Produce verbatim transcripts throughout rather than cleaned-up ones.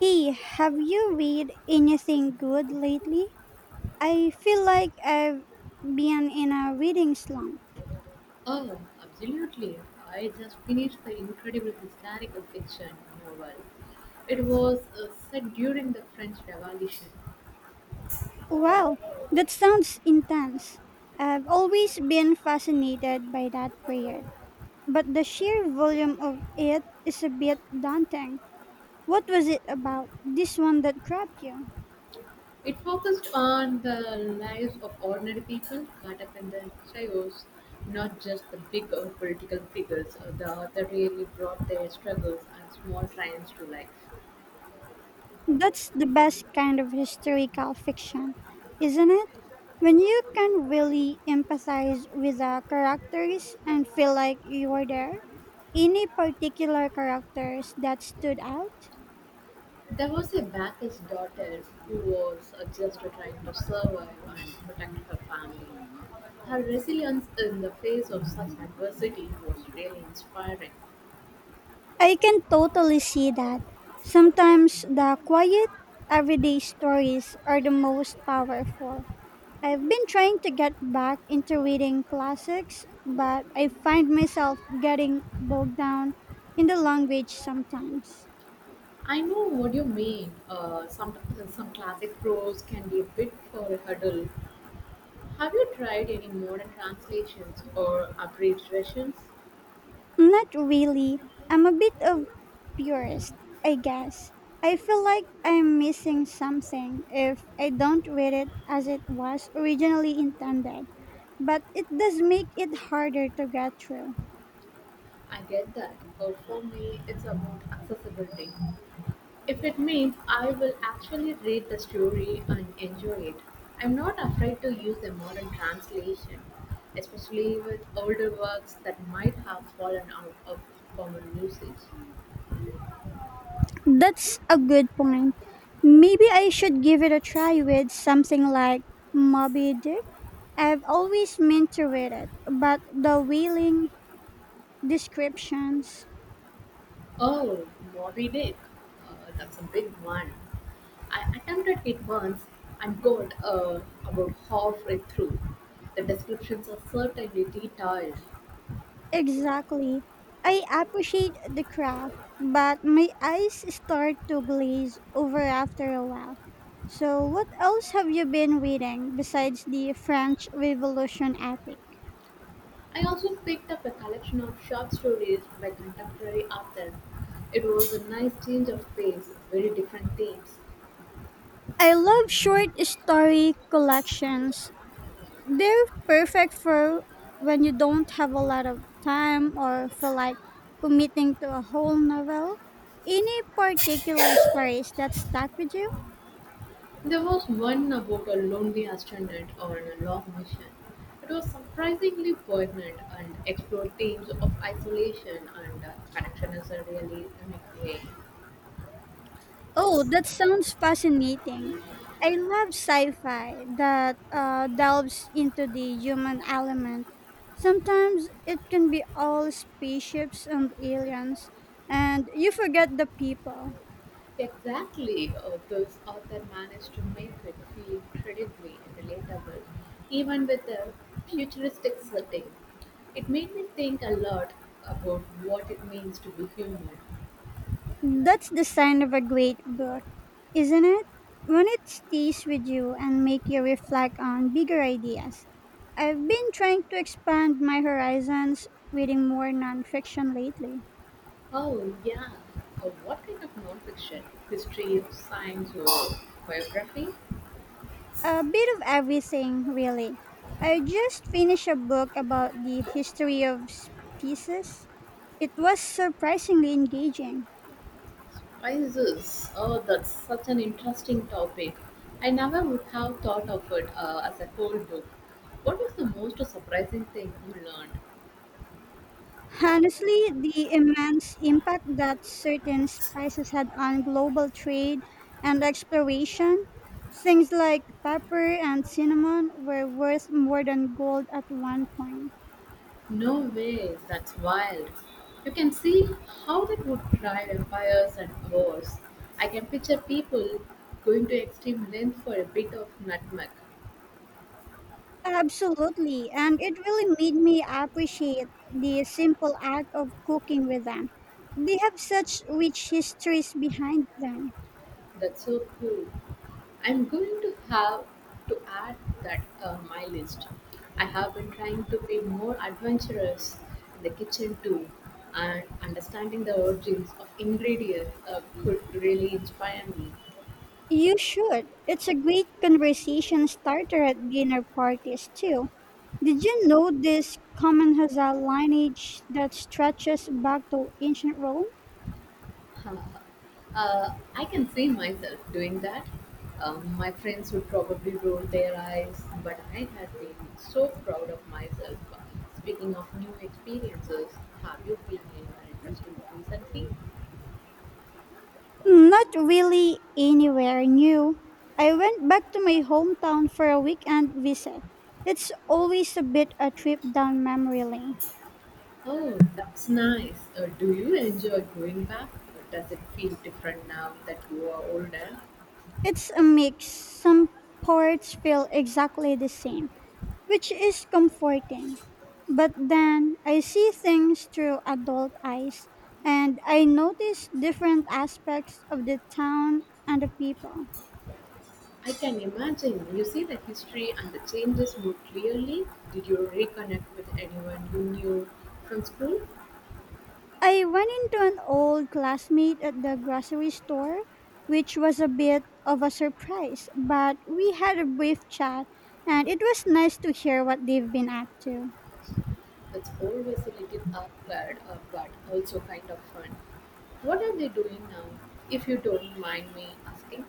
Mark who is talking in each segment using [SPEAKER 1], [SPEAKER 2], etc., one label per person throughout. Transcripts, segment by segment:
[SPEAKER 1] Hey, have you read anything good lately? I feel like I've been in a reading slump.
[SPEAKER 2] Oh, absolutely. I just finished the incredible historical fiction novel. It was uh, set during the French Revolution.
[SPEAKER 1] Wow, that sounds intense. I've always been fascinated by that period, but the sheer volume of it is a bit daunting. What was it about this one that grabbed you?
[SPEAKER 2] It focused on the lives of ordinary people caught up in the chaos, not just the big uh, political figures. Uh, The author really brought their struggles and small triumphs to life.
[SPEAKER 1] That's the best kind of historical fiction, isn't it? When you can really empathize with the characters and feel like you were there. Any particular characters that stood out?
[SPEAKER 2] There was a baker's daughter who was uh, just trying to survive and protect her family. Her resilience in the face of such adversity was really inspiring.
[SPEAKER 1] I can totally see that. Sometimes the quiet, everyday stories are the most powerful. I've been trying to get back into reading classics, but I find myself getting bogged down in the language sometimes.
[SPEAKER 2] I know what you mean. Uh, some some classic prose can be a bit for a hurdle. Have you tried any modern translations or abridged versions?
[SPEAKER 1] Not really. I'm a bit of purist, I guess. I feel like I'm missing something if I don't read it as it was originally intended, but it does make it harder to get through.
[SPEAKER 2] I get that. Uh, for me, it's about accessibility. If it means I will actually read the story and enjoy it, I'm not afraid to use a modern translation, especially with older works that might have fallen out of common usage.
[SPEAKER 1] That's a good point. Maybe I should give it a try with something like Moby Dick. I've always meant to read it, but the wheeling descriptions.
[SPEAKER 2] Oh, Moby Dick. Uh, that's a big one. I attempted it once and got uh, about halfway through. The descriptions are certainly detailed.
[SPEAKER 1] Exactly. I appreciate the craft, but my eyes start to glaze over after a while. So, what else have you been reading besides the French Revolution epic?
[SPEAKER 2] I also picked up a collection of short stories by contemporary authors. It was a nice change of pace, very different themes.
[SPEAKER 1] I love short story collections. They're perfect for when you don't have a lot of time or feel like committing to a whole novel. Any particular stories that stuck with you?
[SPEAKER 2] There was one about a lonely astronaut on a long mission. It was surprisingly poignant and explored themes of isolation and uh, connection in a really unique way.
[SPEAKER 1] Oh, that sounds fascinating. I love sci-fi that uh, delves into the human element. Sometimes it can be all spaceships and aliens, and you forget the people.
[SPEAKER 2] Exactly, uh, this author managed to make it feel incredibly relatable, even with a futuristic setting. It made me think a lot about what it means to be human.
[SPEAKER 1] That's the sign of a great book, isn't it? When it stays with you and make you reflect on bigger ideas. I've been trying to expand my horizons reading more nonfiction lately.
[SPEAKER 2] Oh, yeah, uh, what kind of nonfiction? History, science, or biography?
[SPEAKER 1] A bit of everything, really. I just finished a book about the history of species. It was surprisingly engaging.
[SPEAKER 2] Why is this? Oh, that's such an interesting topic. I never would have thought of it uh, as a whole book. What was the most surprising thing you learned?
[SPEAKER 1] Honestly, the immense impact that certain spices had on global trade and exploration, things like pepper and cinnamon were worth more than gold at one point.
[SPEAKER 2] No way, that's wild. You can see how that would drive empires and wars. I can picture people going to extreme lengths for a bit of nutmeg.
[SPEAKER 1] Absolutely, and it really made me appreciate the simple act of cooking with them. They have such rich histories behind them.
[SPEAKER 2] That's so cool. I'm going to have to add that uh, my list. I have been trying to be more adventurous in the kitchen too, and understanding the origins of ingredients uh, could really inspire me.
[SPEAKER 1] You should. It's a great conversation starter at dinner parties, too. Did you know this common has a lineage that stretches back to ancient Rome?
[SPEAKER 2] Uh, I can see myself doing that. Um, my friends would probably roll their eyes, but I had been so proud of myself. Speaking of new experiences, have you been anywhere interesting recently?
[SPEAKER 1] Not really anywhere new. I went back to my hometown for a weekend visit. It's always a bit a trip down memory lane.
[SPEAKER 2] Oh, that's nice. Uh, do you enjoy going back? Or does it feel different now that you are older?
[SPEAKER 1] It's a mix. Some parts feel exactly the same, which is comforting. But then I see things through adult eyes and I notice different aspects of the town and the people.
[SPEAKER 2] I can imagine. You see the history and the changes more clearly. Did you reconnect with anyone you knew from school?
[SPEAKER 1] I ran into an old classmate at the grocery store, which was a bit of a surprise, but we had a brief chat and it was nice to hear what they've been up to.
[SPEAKER 2] It's always a little awkward, uh, but also kind of fun. What are they doing now? If you don't mind me asking,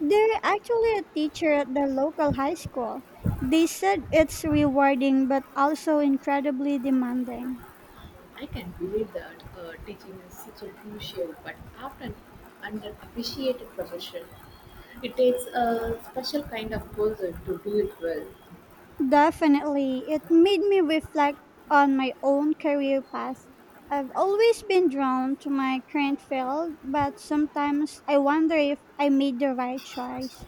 [SPEAKER 1] They're actually a teacher at the local high school. They said it's rewarding but also incredibly demanding.
[SPEAKER 2] I can believe that uh, teaching is such a crucial but often underappreciated profession. It takes a special kind of person to do it well.
[SPEAKER 1] Definitely, it made me reflect on my own career path. I've always been drawn to my current field, but sometimes I wonder if I made the right choice.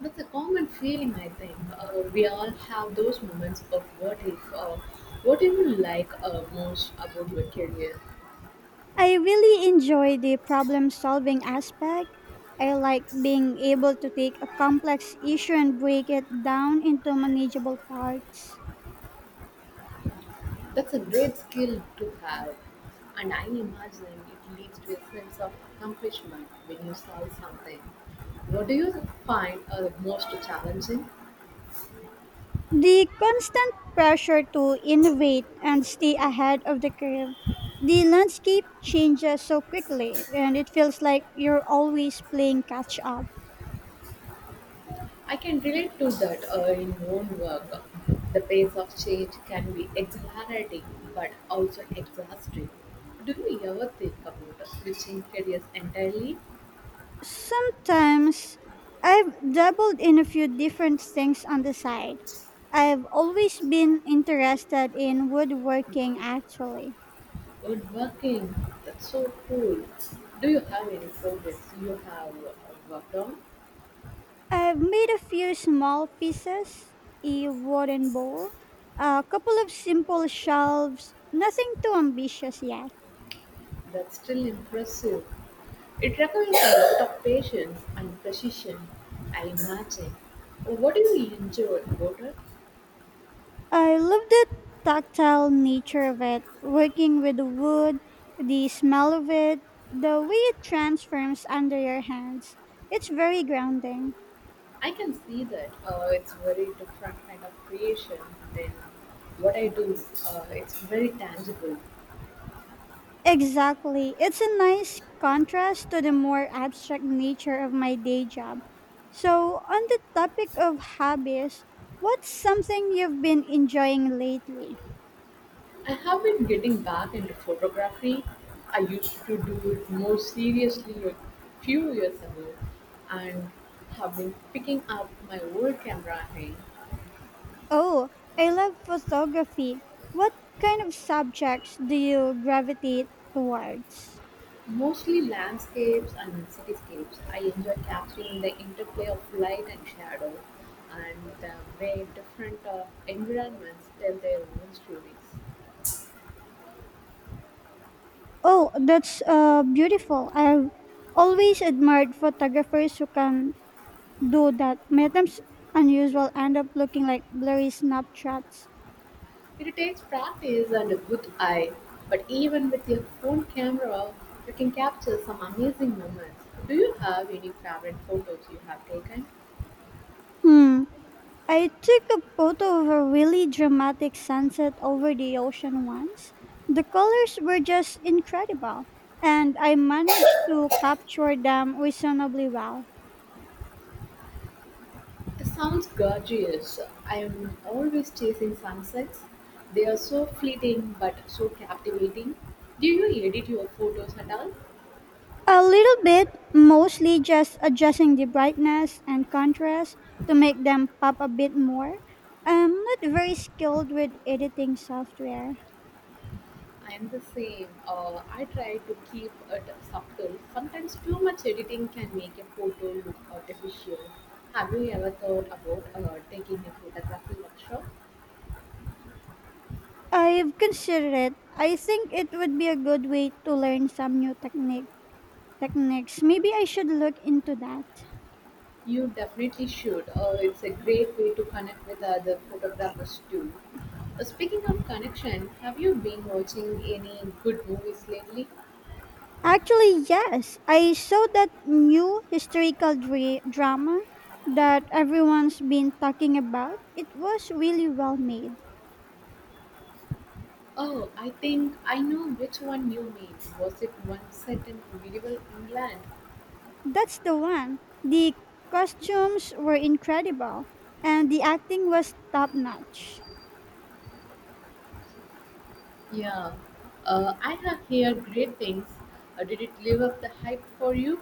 [SPEAKER 2] That's a common feeling, I think. Uh, we all have those moments of what if, uh, what do you like uh, most about your career?
[SPEAKER 1] I really enjoy the problem solving aspect. I like being able to take a complex issue and break it down into manageable parts.
[SPEAKER 2] That's a great skill to have, and I imagine it leads to a sense of accomplishment when you solve something. What do you find are the most challenging?
[SPEAKER 1] The constant pressure to innovate and stay ahead of the curve. The landscape changes so quickly, and it feels like you're always playing catch up.
[SPEAKER 2] I can relate to that uh, in own work. The pace of change can be exhilarating but also exhausting. Do you ever think about switching careers entirely?
[SPEAKER 1] Sometimes I've dabbled in a few different things on the side. I've always been interested in woodworking, actually.
[SPEAKER 2] Or working, that's so cool. Do you have any projects you have uh, worked on?
[SPEAKER 1] I've made a few small pieces, a wooden bowl, a couple of simple shelves, nothing too ambitious yet.
[SPEAKER 2] That's still impressive. It requires a lot of patience and precision, I imagine. What do you enjoy about it?
[SPEAKER 1] I love the tactile nature of it, working with the wood, the smell of it, the way it transforms under your hands. It's very grounding.
[SPEAKER 2] I can see that uh, it's very different kind of creation than what I do. Uh, it's very tangible.
[SPEAKER 1] Exactly. It's a nice contrast to the more abstract nature of my day job. So, on the topic of hobbies, what's something you've been enjoying lately?
[SPEAKER 2] I have been getting back into photography. I used to do it more seriously a few years ago and have been picking up my old camera again.
[SPEAKER 1] Oh, I love photography. What kind of subjects do you gravitate towards?
[SPEAKER 2] Mostly landscapes and cityscapes, I enjoy capturing the interplay of light and shadow and the way different uh, environments tell their own stories.
[SPEAKER 1] Oh, that's uh, beautiful. I've always admired photographers who can do that. Many times unusual end up looking like blurry snapshots.
[SPEAKER 2] It takes practice and a good eye, but even with your phone camera, you can capture some amazing moments. Do you have any favorite photos you have taken?
[SPEAKER 1] Hmm. I took a photo of a really dramatic sunset over the ocean once. The colors were just incredible, and I managed to capture them reasonably well.
[SPEAKER 2] It sounds gorgeous. I'm always chasing sunsets. They are so fleeting but so captivating. Do you edit your photos at all?
[SPEAKER 1] A little bit, mostly just adjusting the brightness and contrast to make them pop a bit more. I'm not very skilled with editing software.
[SPEAKER 2] I'm the same. Uh, I try to keep it subtle. Sometimes too much editing can make a photo look artificial. Have you ever thought about uh, taking a photography workshop?
[SPEAKER 1] I've considered it. I think it would be a good way to learn some new technique techniques. Maybe I should look into that.
[SPEAKER 2] You definitely should. Uh, it's a great way to connect with other photographers too. Uh, speaking of connection, have you been watching any good movies lately?
[SPEAKER 1] Actually, yes. I saw that new historical dra- drama that everyone's been talking about. It was really well made.
[SPEAKER 2] Oh, I think I know which one you mean. Was it one set in medieval England?
[SPEAKER 1] That's the one. The costumes were incredible and the acting was top notch.
[SPEAKER 2] Yeah. Uh, I have heard great things. Uh, did it live up the hype for you?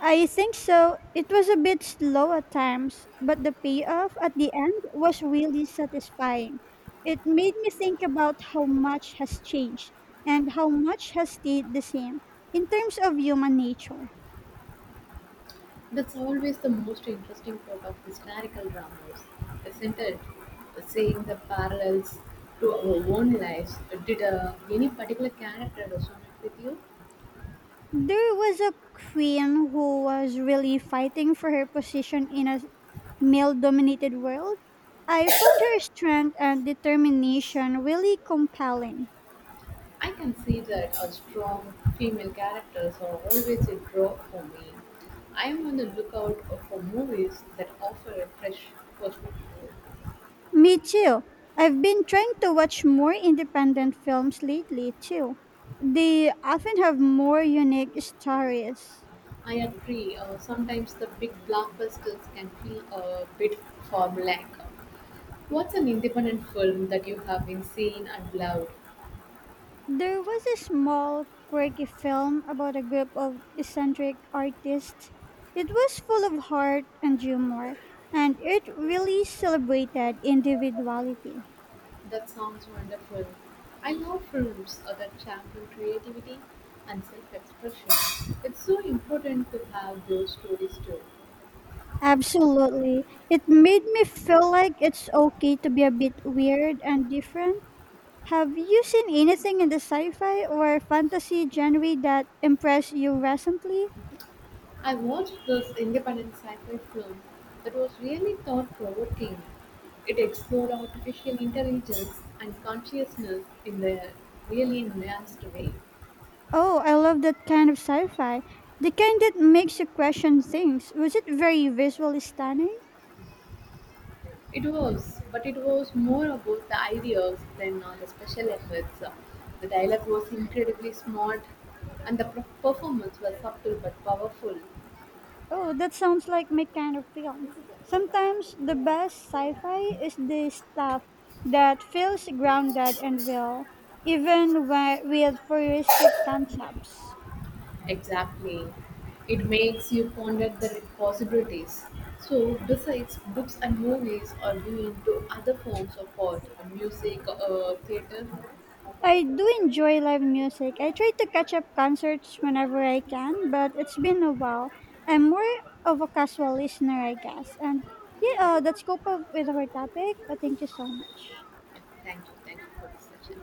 [SPEAKER 1] I think so. It was a bit slow at times, but the payoff at the end was really satisfying. It made me think about how much has changed and how much has stayed the same in terms of human nature.
[SPEAKER 2] That's always the most interesting part of historical dramas, isn't it? Seeing the parallels to our own lives. Did uh, any particular character resonate with you?
[SPEAKER 1] There was a queen who was really fighting for her position in a male dominated world. I found her strength and determination really compelling.
[SPEAKER 2] I can see that a strong female characters are always a draw for me. I am on the lookout for movies that offer a fresh perspective.
[SPEAKER 1] Me too. I've been trying to watch more independent films lately too. They often have more unique stories.
[SPEAKER 2] I agree, uh, sometimes the big blockbusters can feel a bit formulaic. What's an independent film that you have been seen and loved?
[SPEAKER 1] There was a small, quirky film about a group of eccentric artists. It was full of heart and humor, and it really celebrated individuality.
[SPEAKER 2] That sounds wonderful. I love films uh, that champion creativity and self expression. It's so important to have those stories too.
[SPEAKER 1] Absolutely. It made me feel like it's okay to be a bit weird and different. Have you seen anything in the sci fi or fantasy genre that impressed you recently?
[SPEAKER 2] I watched this independent sci fi film that was really thought provoking. It explored artificial intelligence and consciousness in a really nuanced way.
[SPEAKER 1] Oh, I love that kind of sci-fi. The kind that makes you question things. Was it very visually stunning?
[SPEAKER 2] It was, but it was more about the ideas than uh, the special effects. Uh, The dialogue was incredibly smart, and the per- performance was subtle but powerful.
[SPEAKER 1] Oh, that sounds like my kind of film. Sometimes the best sci-fi is the stuff that feels grounded and real, even whe- with futuristic concepts.
[SPEAKER 2] Exactly. It makes you ponder the possibilities. So, besides books and movies, are you into other forms of art, music, uh, theater?
[SPEAKER 1] I do enjoy live music. I try to catch up concerts whenever I can, but it's been a while. I'm more of a casual listener, I guess. And yeah,
[SPEAKER 2] Yeah.
[SPEAKER 1] uh, that's cope up with our topic. But thank you so much.
[SPEAKER 2] Thank you. Thank you for this session.